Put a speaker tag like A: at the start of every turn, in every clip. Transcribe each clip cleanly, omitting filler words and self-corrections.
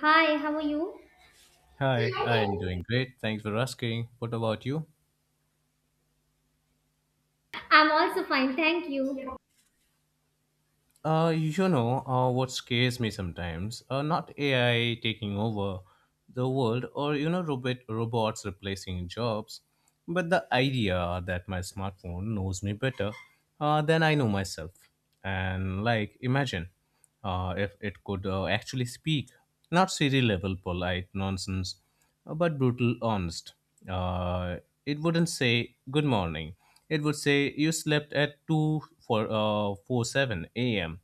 A: Hi, how are you?
B: Hi, I am doing great. Thanks for asking. What about you?
A: I'm also fine, thank you.
B: What scares me sometimes, not AI taking over the world or, robots replacing jobs, but the idea that my smartphone knows me better than I know myself. And, like, imagine if it could actually speak, not Siri level polite nonsense, but brutal honest. Uh, it wouldn't say good morning. It would say you slept at two for four seven a.m.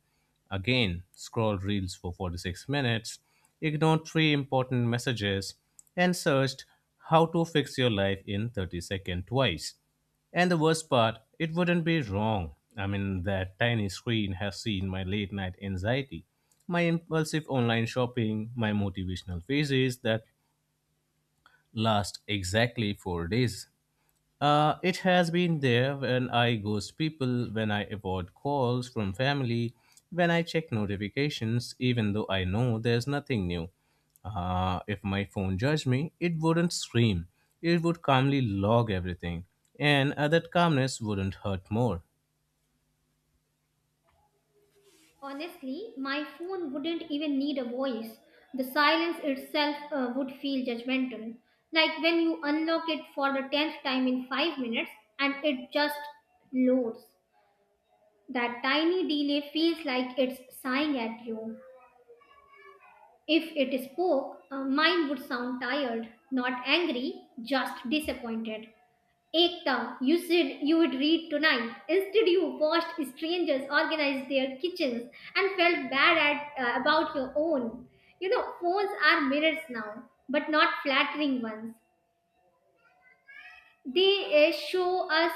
B: Again, scroll reels for 46 minutes, ignored three important messages, and searched how to fix your life in 30 seconds twice. And the worst part, it wouldn't be wrong. I mean, that tiny screen has seen my late night anxiety, my impulsive online shopping, my motivational phases that last exactly 4 days. It has been there when I ghost people, when I avoid calls from family, when I check notifications, even though I know there's nothing new. If my phone judged me, it wouldn't scream. It would calmly log everything, and that calmness wouldn't hurt more.
A: Honestly, my phone wouldn't even need a voice. The silence itself would feel judgmental. Like when you unlock it for the 10th time in 5 minutes and it just loads. That tiny delay feels like it's sighing at you. If it spoke, mine would sound tired, not angry, just disappointed. Ekta, you said you would read tonight. Instead, you watched strangers organize their kitchens and felt bad about your own. You know, phones are mirrors now, but not flattering ones. They show us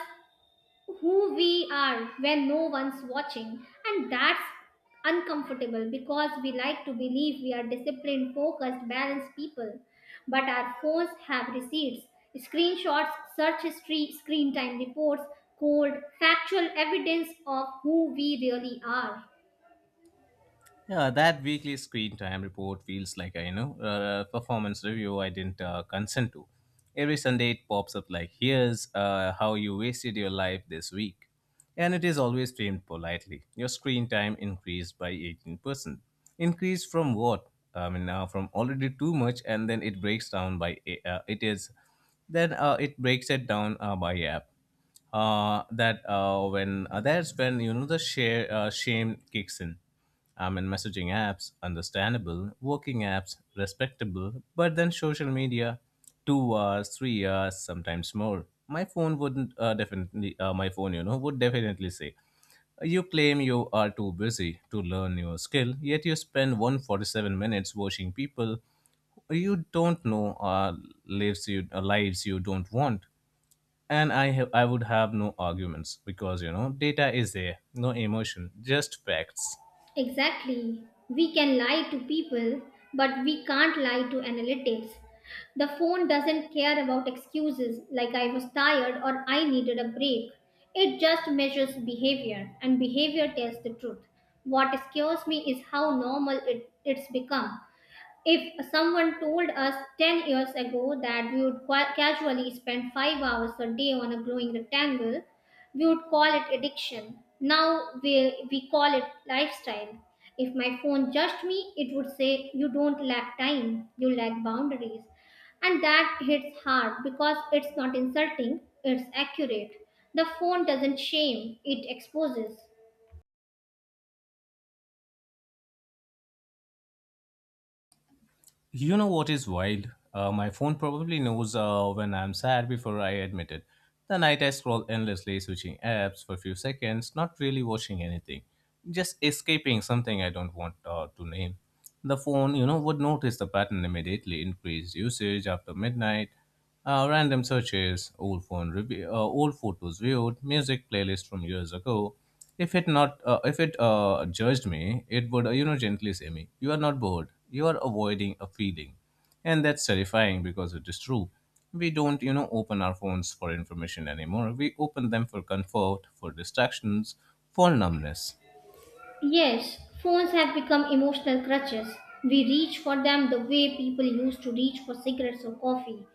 A: who we are when no one's watching, and that's uncomfortable because we like to believe we are disciplined, focused, balanced people, but our phones have receipts: screenshots, search history, screen time reports, cold, factual evidence of who we really are.
B: Yeah, that weekly screen time report feels like a performance review I didn't consent to. Every Sunday it pops up like, "Here's how you wasted your life this week," and it is always framed politely. Your screen time increased by 18%. Increased from what? I mean, from already too much, and then it breaks it down by app, that's when the share shame kicks in. I mean, messaging apps, understandable, working apps, respectable, but then social media, 2 hours, 3 hours, sometimes more. My phone wouldn't definitely, My phone would definitely say, you claim you are too busy to learn your skill, yet you spend 147 minutes watching people you don't know lives you don't want, and I would have no arguments because data is there, no emotion, just facts.
A: Exactly. We can lie to people, but we can't lie to analytics. The phone doesn't care about excuses like I was tired or I needed a break. It just measures behavior, and behavior tells the truth. What scares me is how normal it's become. If someone told us 10 years ago that we would casually spend 5 hours a day on a glowing rectangle, we would call it addiction. Now we call it lifestyle. If my phone judged me, it would say, "You don't lack time, you lack boundaries." And that hits hard because it's not insulting, it's accurate. The phone doesn't shame, it exposes.
B: You know what is wild, my phone probably knows when I'm sad before I admit it. The night I scroll endlessly, switching apps for a few seconds, not really watching anything, just escaping something I don't want to name. The phone would notice the pattern immediately, increased usage after midnight. Random searches, old phone review, old photos viewed, music playlist from years ago. If it judged me, it would gently say me, you are not bored, you are avoiding a feeling, and that's terrifying because it is true. We don't open our phones for information anymore. We open them for comfort, for distractions, for numbness.
A: Yes, phones have become emotional crutches. We reach for them the way people used to reach for cigarettes or coffee.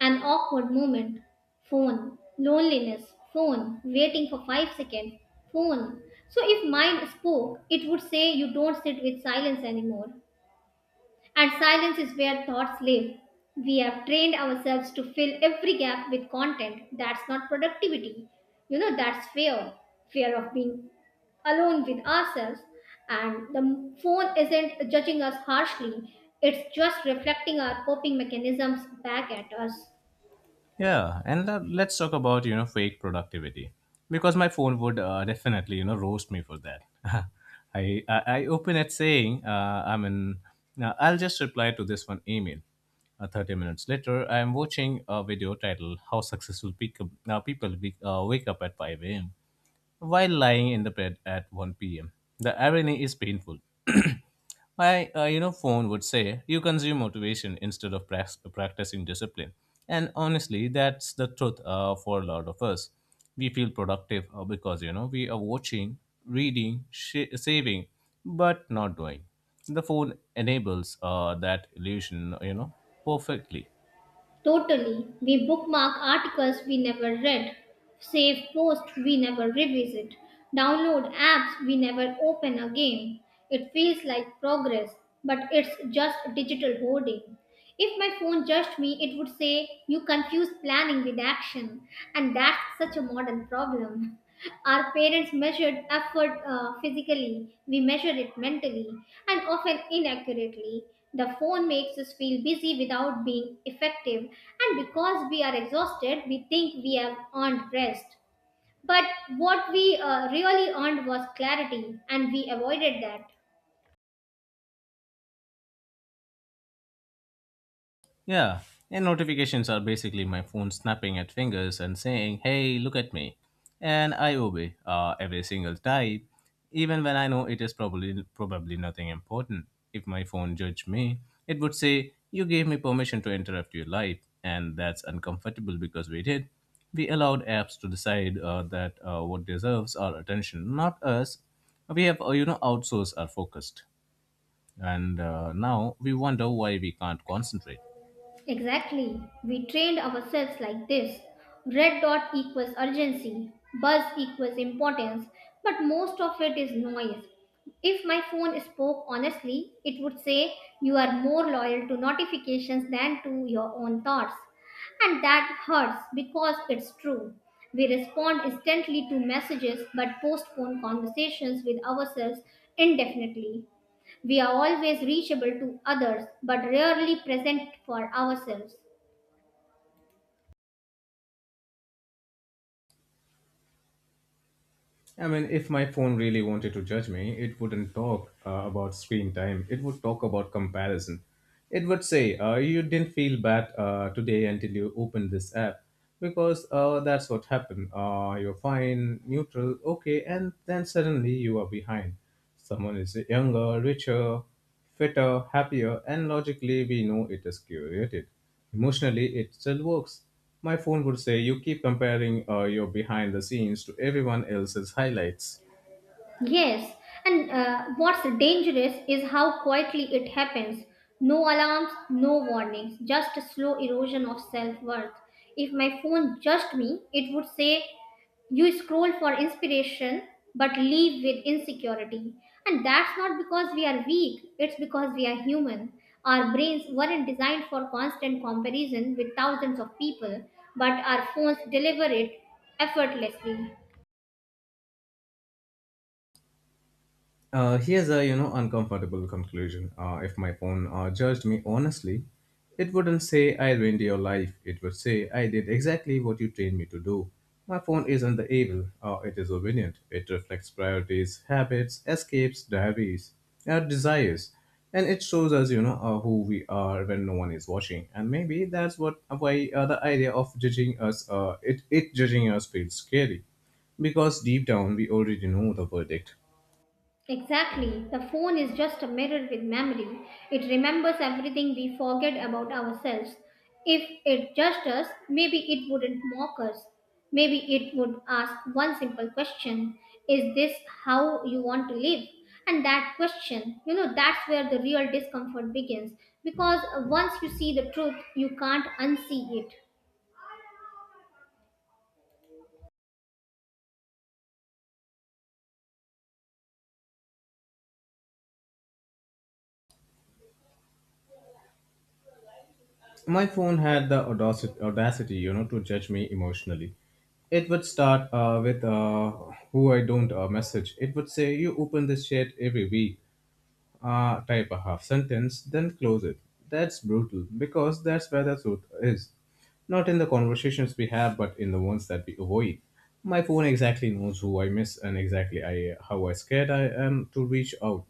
A: An awkward moment. Phone. Loneliness. Phone. Waiting for 5 seconds. Phone. So if mind spoke, it would say you don't sit with silence anymore. And silence is where thoughts live. We have trained ourselves to fill every gap with content. That's not productivity. You know, that's fear. Fear of being alone with ourselves, and the phone isn't judging us harshly, it's just reflecting our coping mechanisms back at us.
B: Yeah, and let's talk about fake productivity because my phone would definitely roast me for that. I open it saying I'm in. Now I'll just reply to this one email. 30 minutes later, I am watching a video titled "How Successful Wake Up at 5 a.m." while lying in the bed at 1 p.m. The irony is painful. My phone would say you consume motivation instead of practicing discipline. And honestly, that's the truth for a lot of us. We feel productive because, we are watching, reading, saving, but not doing. The phone enables that illusion, perfectly.
A: Totally. We bookmark articles we never read, save posts we never revisit, download apps we never open again. It feels like progress, but it's just digital hoarding. If my phone judged me, it would say, "You confuse planning with action." And that's such a modern problem. Our parents measured effort physically, we measure it mentally, and often inaccurately. The phone makes us feel busy without being effective, and because we are exhausted, we think we have earned rest. But what we really earned was clarity, and we avoided that.
B: Yeah, and notifications are basically my phone snapping at fingers and saying, hey, look at me. And I obey every single time, even when I know it is probably nothing important. If my phone judged me, it would say, you gave me permission to interrupt your life. And that's uncomfortable because we did. We allowed apps to decide that what deserves our attention, not us. We have, outsourced our focused. And now we wonder why we can't concentrate.
A: Exactly. We trained ourselves like this. Red dot equals urgency, buzz equals importance, but most of it is noise. If my phone spoke honestly, it would say you are more loyal to notifications than to your own thoughts. And that hurts because it's true. We respond instantly to messages but postpone conversations with ourselves indefinitely. We are always reachable to others but rarely present for ourselves.
B: I mean, if my phone really wanted to judge me, it wouldn't talk about screen time. It would talk about comparison. It would say, you didn't feel bad today until you opened this app. Because That's what happened. You're fine, neutral, okay, and then suddenly you are behind. Someone is younger, richer, fitter, happier, and logically we know it is curated. Emotionally, it still works. My phone would say you keep comparing your behind the scenes to everyone else's highlights.
A: Yes, and what's dangerous is how quietly it happens. No alarms, no warnings, just a slow erosion of self worth. If my phone judged me, it would say, you scroll for inspiration but leave with insecurity, and that's not because we are weak, it's because we are human. Our brains weren't designed for constant comparison with thousands of people, but our phones deliver it effortlessly.
B: Here's a uncomfortable conclusion. If my phone judged me honestly, it wouldn't say I ruined your life. It would say I did exactly what you trained me to do. My phone isn't the evil. It is obedient. It reflects priorities, habits, escapes, diaries, our desires, and it shows us who we are when no one is watching. And maybe that's what why the idea of judging us feels scary because deep down we already know the verdict.
A: Exactly. The phone is just a mirror with memory. It remembers everything we forget about ourselves. If it judged us, maybe it wouldn't mock us. Maybe it would ask one simple question: Is this how you want to live? And that question, you know, that's where the real discomfort begins. Because once you see the truth, you can't unsee it.
B: My phone had the audacity, to judge me emotionally. It would start with who I don't message. It would say, you open this chat every week, type a half sentence, then close it. That's brutal because that's where the truth is. Not in the conversations we have, but in the ones that we avoid. My phone exactly knows who I miss and exactly how I scared I am to reach out.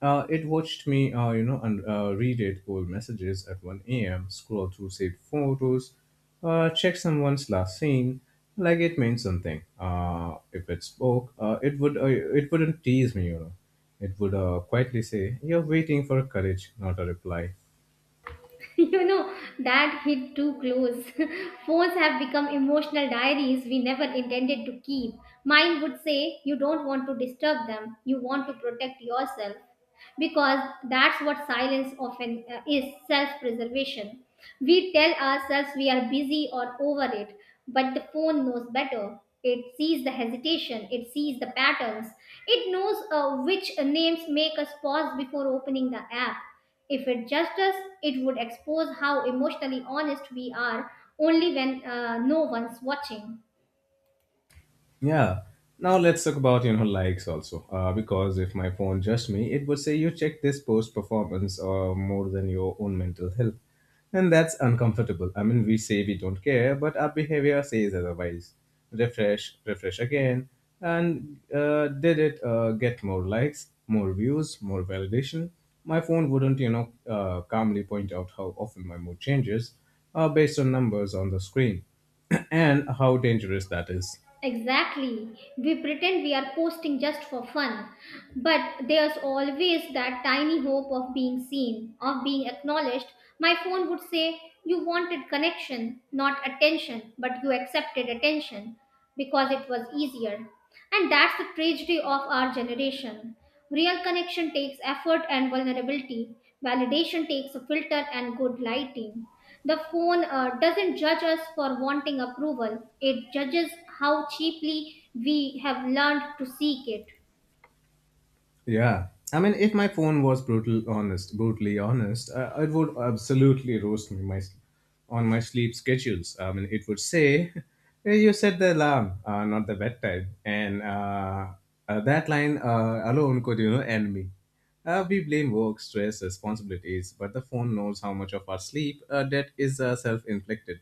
B: It watched me, and read it old messages at 1 a.m., scroll through saved photos, check someone's last scene, like it means something. If it spoke, it wouldn't tease me. It would quietly say, "You're waiting for courage, not a reply."
A: You know, that hit too close. Phones have become emotional diaries we never intended to keep. Mine would say, "You don't want to disturb them, you want to protect yourself, because that's what silence often is: self preservation." We tell ourselves we are busy or over it, but the phone knows better. It sees the hesitation, it sees the patterns, it knows which names make us pause before opening the app. If it judged us, it would expose how emotionally honest we are only when no one's watching.
B: Yeah. Now let's talk about likes also, because if my phone judged me, it would say you check this post performance or more than your own mental health, and that's uncomfortable. I mean, we say we don't care, but our behavior says otherwise. Refresh, refresh again, and did it get more likes, more views, more validation? My phone wouldn't calmly point out how often my mood changes, based on numbers on the screen, and how dangerous that is.
A: Exactly. We pretend we are posting just for fun, but there's always that tiny hope of being seen, of being acknowledged. My phone would say, "You wanted connection, not attention, but you accepted attention because it was easier." And that's the tragedy of our generation. Real connection takes effort and vulnerability, validation takes a filter and good lighting. The phone doesn't judge us for wanting approval, it judges how cheaply we have learned to seek it.
B: Yeah. I mean, if my phone was brutally honest, it would absolutely roast me on my sleep schedules. I mean, it would say, "Hey, you set the alarm, not the bedtime," and that line alone could, end me. We blame work, stress, responsibilities, but the phone knows how much of our sleep debt is self-inflicted.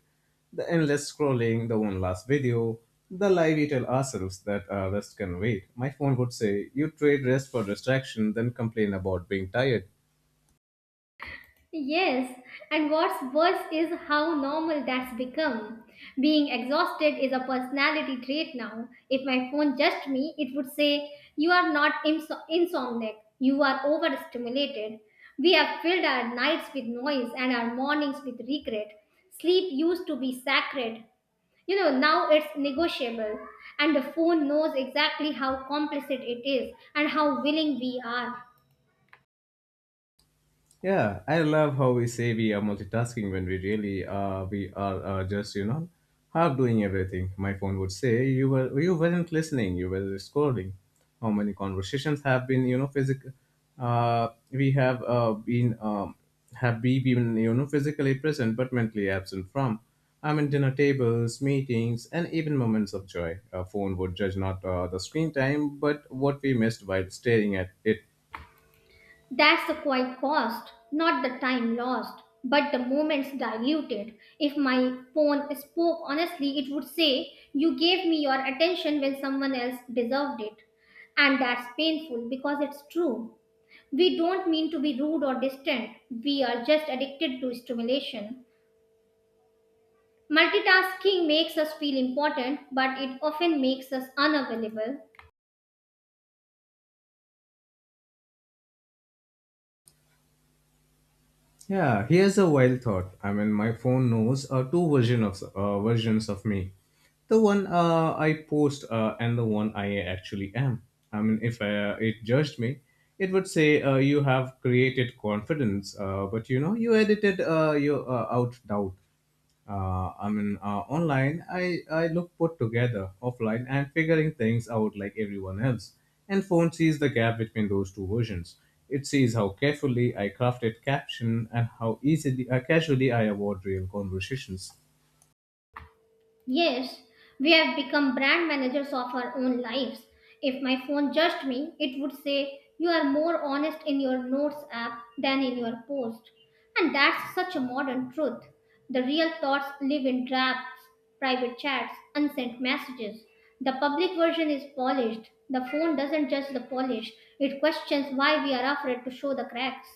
B: The endless scrolling, the one last video, the lie we tell ourselves that our rest can wait. My phone would say, you trade rest for distraction, then complain about being tired.
A: Yes, and what's worse is how normal that's become. Being exhausted is a personality trait now. If my phone judged me, it would say, "You are not insomniac, you are overstimulated." We have filled our nights with noise and our mornings with regret. Sleep used to be sacred, you know, now it's negotiable, and the phone knows exactly how complicit it is and how willing we are.
B: Yeah, I love how we say we are multitasking when we are just half doing everything. My phone would say you weren't listening, you were scrolling. How many conversations have been physical? We have been have we been physically present but mentally absent from. I mean, dinner tables, meetings, and even moments of joy. A phone would judge not the screen time but what we missed while staring at it.
A: That's the quiet cost, not the time lost but the moments diluted. If my phone spoke honestly, it would say you gave me your attention when someone else deserved it, and that's painful because it's true. We don't mean to be rude or distant, we are just addicted to stimulation. Multitasking makes us feel important, but it often makes us unavailable.
B: Yeah, here's a wild thought. I mean, my phone knows two versions of me. The one I post and the one I actually am. I mean, if it judged me, it would say you have created confidence, but you edited your out doubt. I mean, online, I look put together. Offline, I'm figuring things out like everyone else. And phone sees the gap between those two versions. It sees how carefully I crafted caption and how casually I avoid real conversations.
A: Yes, we have become brand managers of our own lives. If my phone judged me, it would say, "You are more honest in your notes app than in your post." And that's such a modern truth. The real thoughts live in drafts, private chats, unsent messages. The public version is polished. The phone doesn't judge the polish, it questions why we are afraid to show the cracks.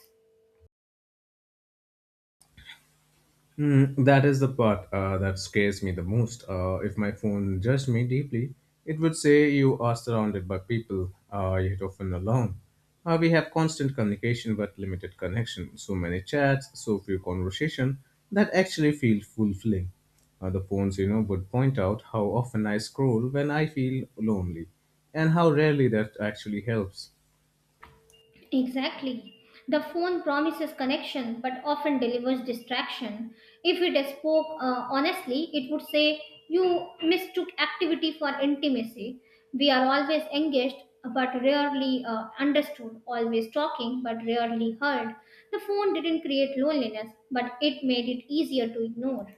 B: That is the part that scares me the most. If my phone judged me deeply, it would say you are surrounded by people, yet often alone. We have constant communication but limited connection, so many chats, so few conversation that actually feel fulfilling. The phones, would point out how often I scroll when I feel lonely, and how rarely that actually helps.
A: Exactly. The phone promises connection but often delivers distraction. If it spoke honestly, it would say, "You mistook activity for intimacy." We are always engaged but rarely understood, always talking but rarely heard. The phone didn't create loneliness, but it made it easier to ignore.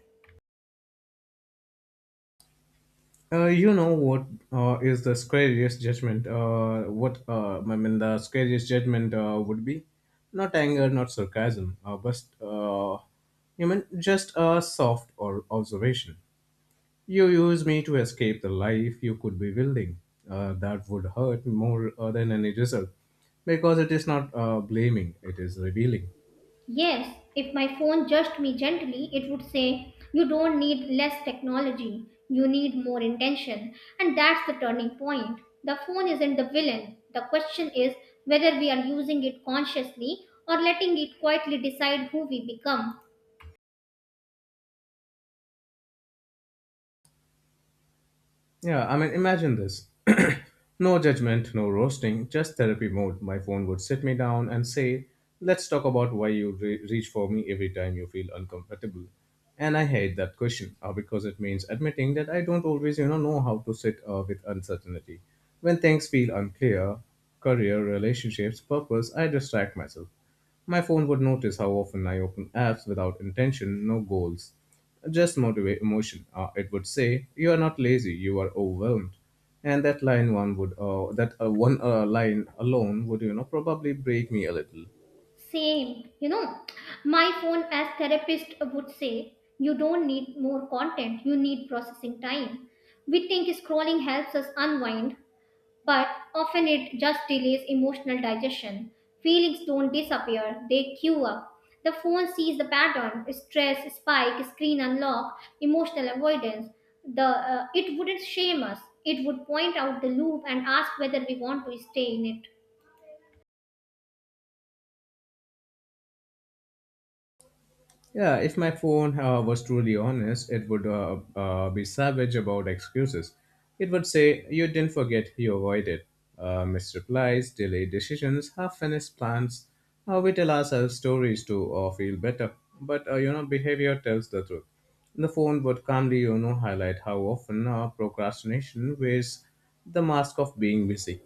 B: You know what is the scariest judgment? What I mean, the scariest judgment would be not anger, not sarcasm, but you mean just a soft or observation. You use me to escape the life you could be building. That would hurt more than any result, because it is not blaming; it is revealing.
A: Yes, if my phone judged me gently, it would say, "You don't need less technology, you need more intention." And that's the turning point. The phone isn't the villain. The question is whether we are using it consciously or letting it quietly decide who we become.
B: Yeah, I mean, imagine this. No judgment, no roasting, just therapy mode. My phone would sit me down and say, let's talk about why you reach for me every time you feel uncomfortable. And I hate that question because it means admitting that I don't always, you know how to sit with uncertainty. When things feel unclear, career, relationships, purpose, I distract myself. My phone would notice how often I open apps without intention, no goals, just motivate emotion. It would say, "You are not lazy. You are overwhelmed," and that line one would, that one line alone would, you know, probably break me a little.
A: Same, you know, my phone, as therapist, would say, you don't need more content, you need processing time. We think scrolling helps us unwind, but often it just delays emotional digestion. Feelings don't disappear, they queue up. The phone sees the pattern: stress, spike, screen unlock, emotional avoidance. It wouldn't shame us, it would point out the loop and ask whether we want to stay in it.
B: Yeah, if my phone was truly honest, it would be savage about excuses. It would say, you didn't forget, you avoided. Missed replies, delayed decisions, half finished plans. We tell ourselves stories to feel better. But behavior tells the truth. The phone would calmly, you know, highlight how often procrastination wears the mask of being busy.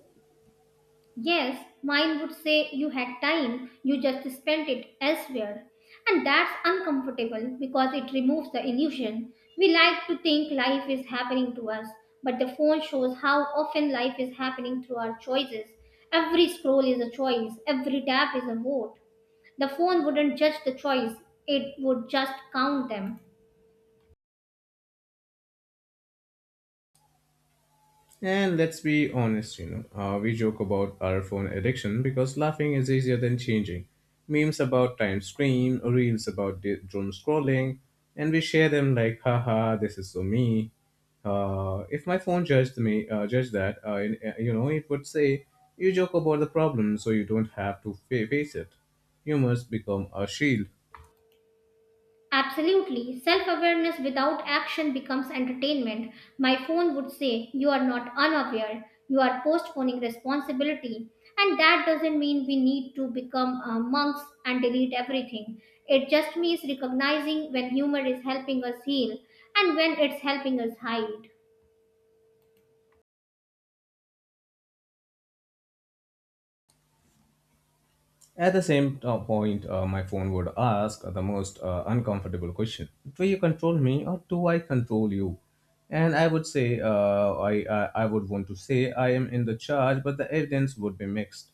A: Yes, mine would say you had time, you just spent it elsewhere. And that's uncomfortable because it removes the illusion. We like to think life is happening to us, but the phone shows how often life is happening through our choices. Every scroll is a choice, every tap is a vote. The phone wouldn't judge the choice, it would just count them.
B: And let's be honest, we joke about our phone addiction because laughing is easier than changing. Memes about time screen, reels about doom scrolling, and we share them like, haha, this is so me. If my phone judged me, judged that, it would say, you joke about the problem so you don't have to face it. Humors become a shield.
A: Absolutely. Self awareness without action becomes entertainment. My phone would say, "You are not unaware, you are postponing responsibility." And that doesn't mean we need to become monks and delete everything. It just means recognizing when humor is helping us heal and when it's helping us hide.
B: At the same point, my phone would ask the most uncomfortable question: do you control me or do I control you? And I would say, I would want to say I am in the charge, but the evidence would be mixed.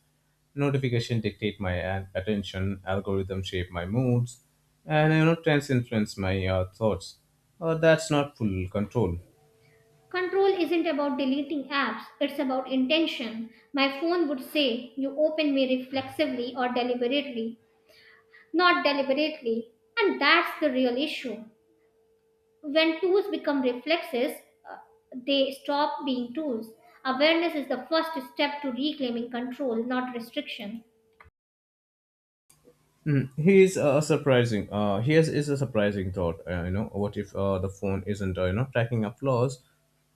B: Notification dictate my attention, algorithm shape my moods, and you know, trends influence my thoughts. That's not full control.
A: Control isn't about deleting apps, it's about intention. My phone would say, You open me reflexively or deliberately. Not deliberately. And that's the real issue. When tools become reflexes, uh, they stop being tools. Awareness is the first step to reclaiming control, not restriction.
B: Mm, he is surprising. Here's is a surprising thought. You know, what if the phone isn't, you know, tracking our flaws,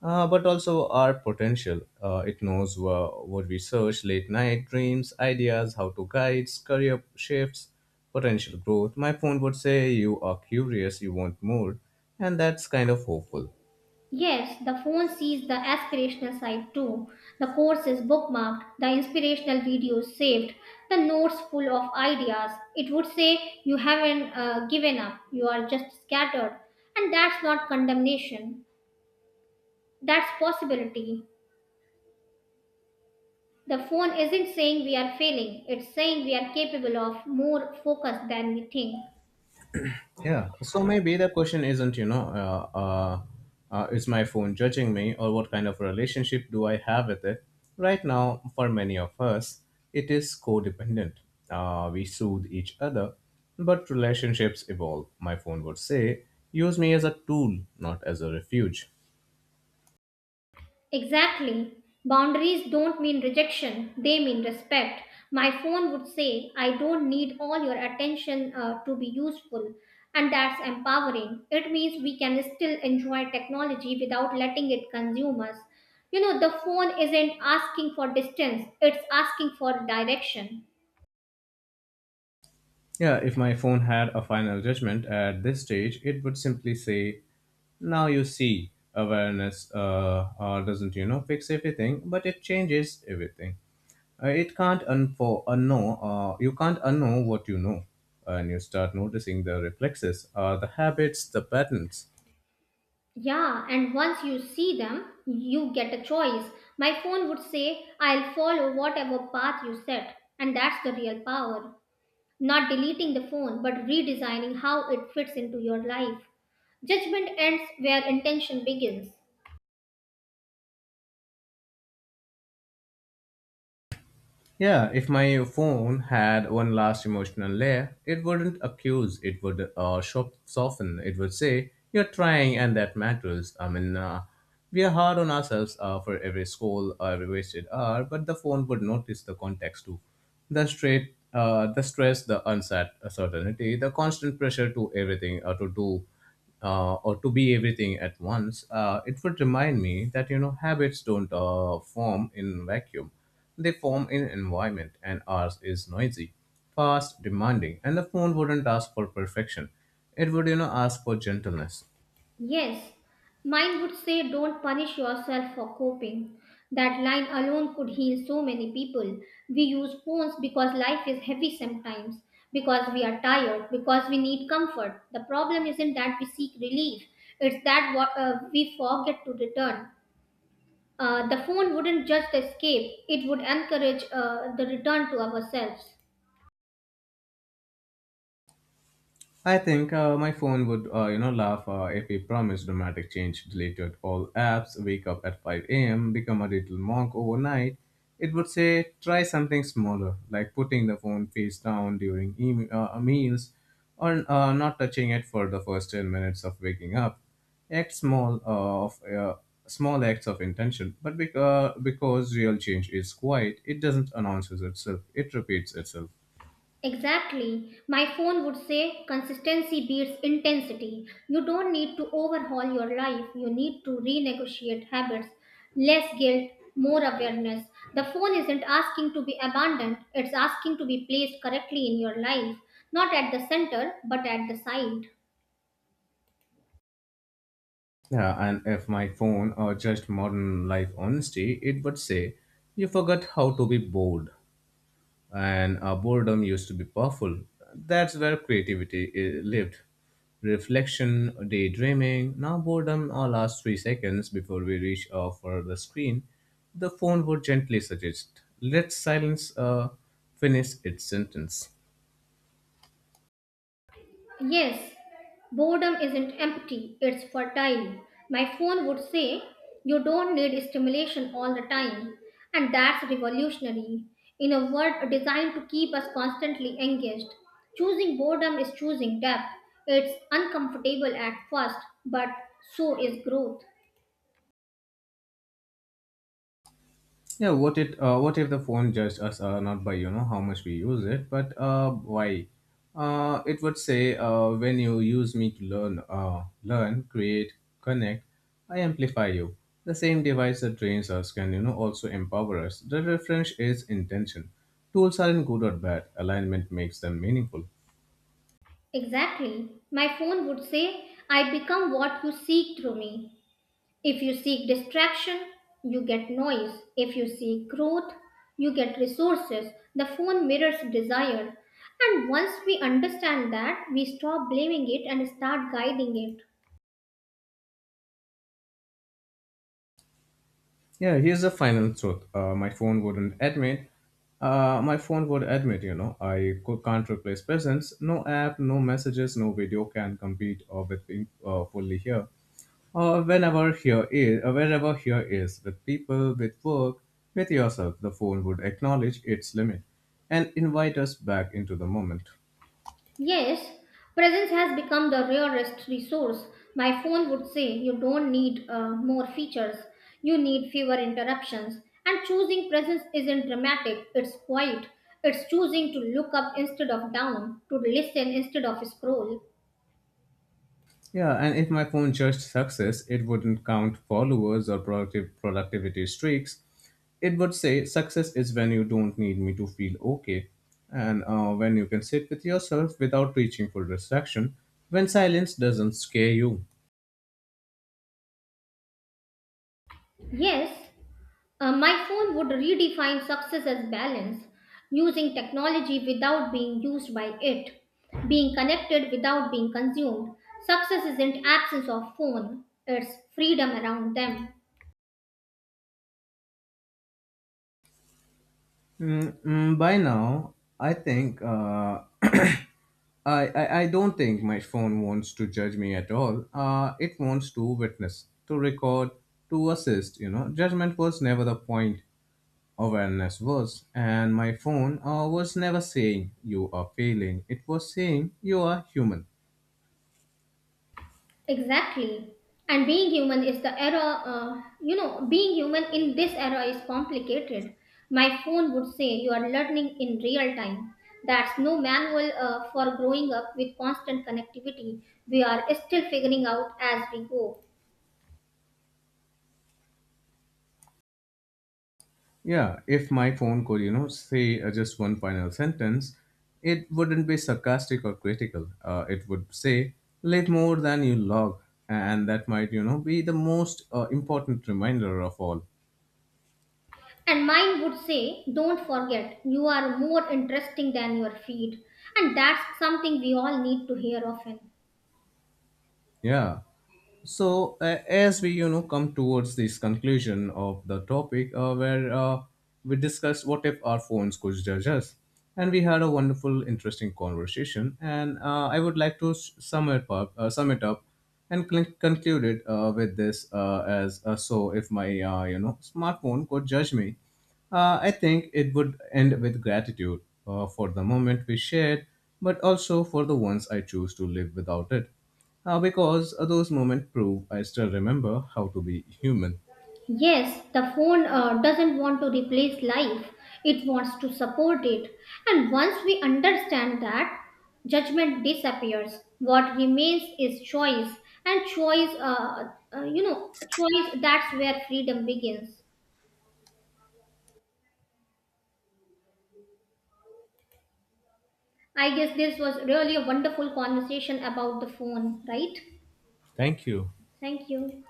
B: but also our potential. It knows what we search: late night dreams, ideas, how to guides, career shifts, potential growth. My phone would say, "You are curious. You want more," and that's kind of hopeful.
A: Yes, the phone sees the aspirational side too. The course is bookmarked, the inspirational videos saved, the notes full of ideas. It would say, "You haven't given up, you are just scattered." And that's not condemnation, that's possibility. The phone isn't saying we are failing, it's saying we are capable of more focus than we think.
B: Yeah, so maybe the question isn't, is my phone judging me or what kind of relationship do I have with it? Right now, for many of us, it is codependent. We soothe each other, but relationships evolve. My phone would say, use me as a tool, not as a refuge.
A: Exactly. Boundaries don't mean rejection, they mean respect. My phone would say, "I don't need all your attention to be useful," and that's empowering. It means we can still enjoy technology without letting it consume us. You know, the phone isn't asking for distance, it's asking for direction.
B: Yeah, if my phone had a final judgment at this stage, it would simply say, now you see awareness doesn't, you know, fix everything but it changes everything. It can't unknow. You can't unknow what you know, and you start noticing the reflexes, the habits, the patterns.
A: Yeah, and once you see them, you get a choice. My phone would say, "I'll follow whatever path you set." And that's the real power. Not deleting the phone, but redesigning how it fits into your life. Judgment ends where intention begins.
B: Yeah, if my phone had one last emotional layer, it wouldn't accuse, it would soften, it would say, you're trying and that matters. I mean, we are hard on ourselves for every scroll, every wasted hour, but the phone would notice the context too. The stress, the uncertainty, the constant pressure to everything, to do, or to be everything at once, it would remind me that, you know, habits don't form in vacuum. They form in an environment, and ours is noisy, fast, demanding, and the phone wouldn't ask for perfection. It would, you know, ask for gentleness.
A: Yes, mine would say don't punish yourself for coping. That line alone could heal so many people. We use phones because life is heavy sometimes, because we are tired, because we need comfort. The problem isn't that we seek relief, it's that we forget to return. The phone wouldn't just escape, it would encourage the return to ourselves.
B: I think my phone would, you know, laugh if we promised dramatic change, deleted all apps, wake up at 5 a.m., become a little monk overnight. It would say, try something smaller, like putting the phone face down during meals or not touching it for the first 10 minutes of waking up. Act small of Small acts of intention, but because real change is quiet, it doesn't announces itself, it repeats itself.
A: Exactly. My phone would say consistency beats intensity. You don't need to overhaul your life, you need to renegotiate habits. Less guilt, more awareness. The phone isn't asking to be abandoned, it's asking to be placed correctly in your life, not at the center, but at the side.
B: Yeah, and if my phone or just modern life honesty, it would say, you forgot how to be bored. And boredom used to be powerful. That's where creativity lived. Reflection, daydreaming. Now, boredom all lasts 3 seconds before we reach for the screen. The phone would gently suggest, let silence finish its sentence.
A: Yes, boredom isn't empty, it's fertile. My phone would say, "You don't need stimulation all the time." And that's revolutionary. In a world designed to keep us constantly engaged, choosing boredom is choosing depth. It's uncomfortable at first, but so is growth.
B: Yeah, what if the phone judged us not by, you know, how much we use it, but why? It would say when you use me to learn, create, connect, I amplify you. The same device that trains us can, you know, also empower us. The difference is intention. Tools aren't good or bad. Alignment makes them meaningful.
A: Exactly. My phone would say, "I become what you seek through me." If you seek distraction, you get noise. If you seek growth, you get resources. The phone mirrors desire. And once we understand that, we stop blaming it and start guiding it.
B: Yeah, here's the final truth. My phone wouldn't admit. My phone would admit, you know, I can't replace presence. No app, no messages, no video can compete with being fully here. Or whenever here is, wherever here is, with people, with work, with yourself, the phone would acknowledge its limit and invite us back into the moment.
A: Yes, presence has become the rarest resource. My phone would say you don't need more features, you need fewer interruptions. And choosing presence isn't dramatic, it's quiet. It's choosing to look up instead of down, to listen instead of scroll.
B: Yeah, and if my phone judged success, it wouldn't count followers or productive productivity streaks. It would say success is when you don't need me to feel okay, and when you can sit with yourself without reaching for distraction, when silence doesn't scare you.
A: Yes, my phone would redefine success as balance, using technology without being used by it, being connected without being consumed. Success isn't absence of phone, it's freedom around them.
B: Mm, mm, by now, I think I don't think my phone wants to judge me at all. It wants to witness, to record, to assist. You know, judgment was never the point. Awareness was. And my phone was never saying you are failing, it was saying you are human.
A: Exactly. And being human is the era, you know, being human in this era is complicated. My phone would say you are learning in real time. That's no manual for growing up with constant connectivity. We are still figuring out as we go.
B: Yeah, if my phone could, you know, say just one final sentence, it wouldn't be sarcastic or critical. It would say, live more than you log. And that might, you know, be the most important reminder of all.
A: And mine would say, don't forget, you are more interesting than your feed. And that's something we all need to hear often.
B: Yeah. So as we, you know, come towards this conclusion of the topic, where we discussed what if our phones could judge us, and we had a wonderful, interesting conversation. And I would like to sum it up, and conclude it with this as so if my, you know, smartphone could judge me, I think it would end with gratitude for the moment we shared, but also for the ones I choose to live without it. Because those moments prove I still remember how to be human.
A: Yes, the phone doesn't want to replace life, it wants to support it. And once we understand that, judgment disappears. What remains is choice, and you know, choice, that's where freedom begins. I guess this was really a wonderful conversation about the phone, right?
B: Thank you.
A: Thank you.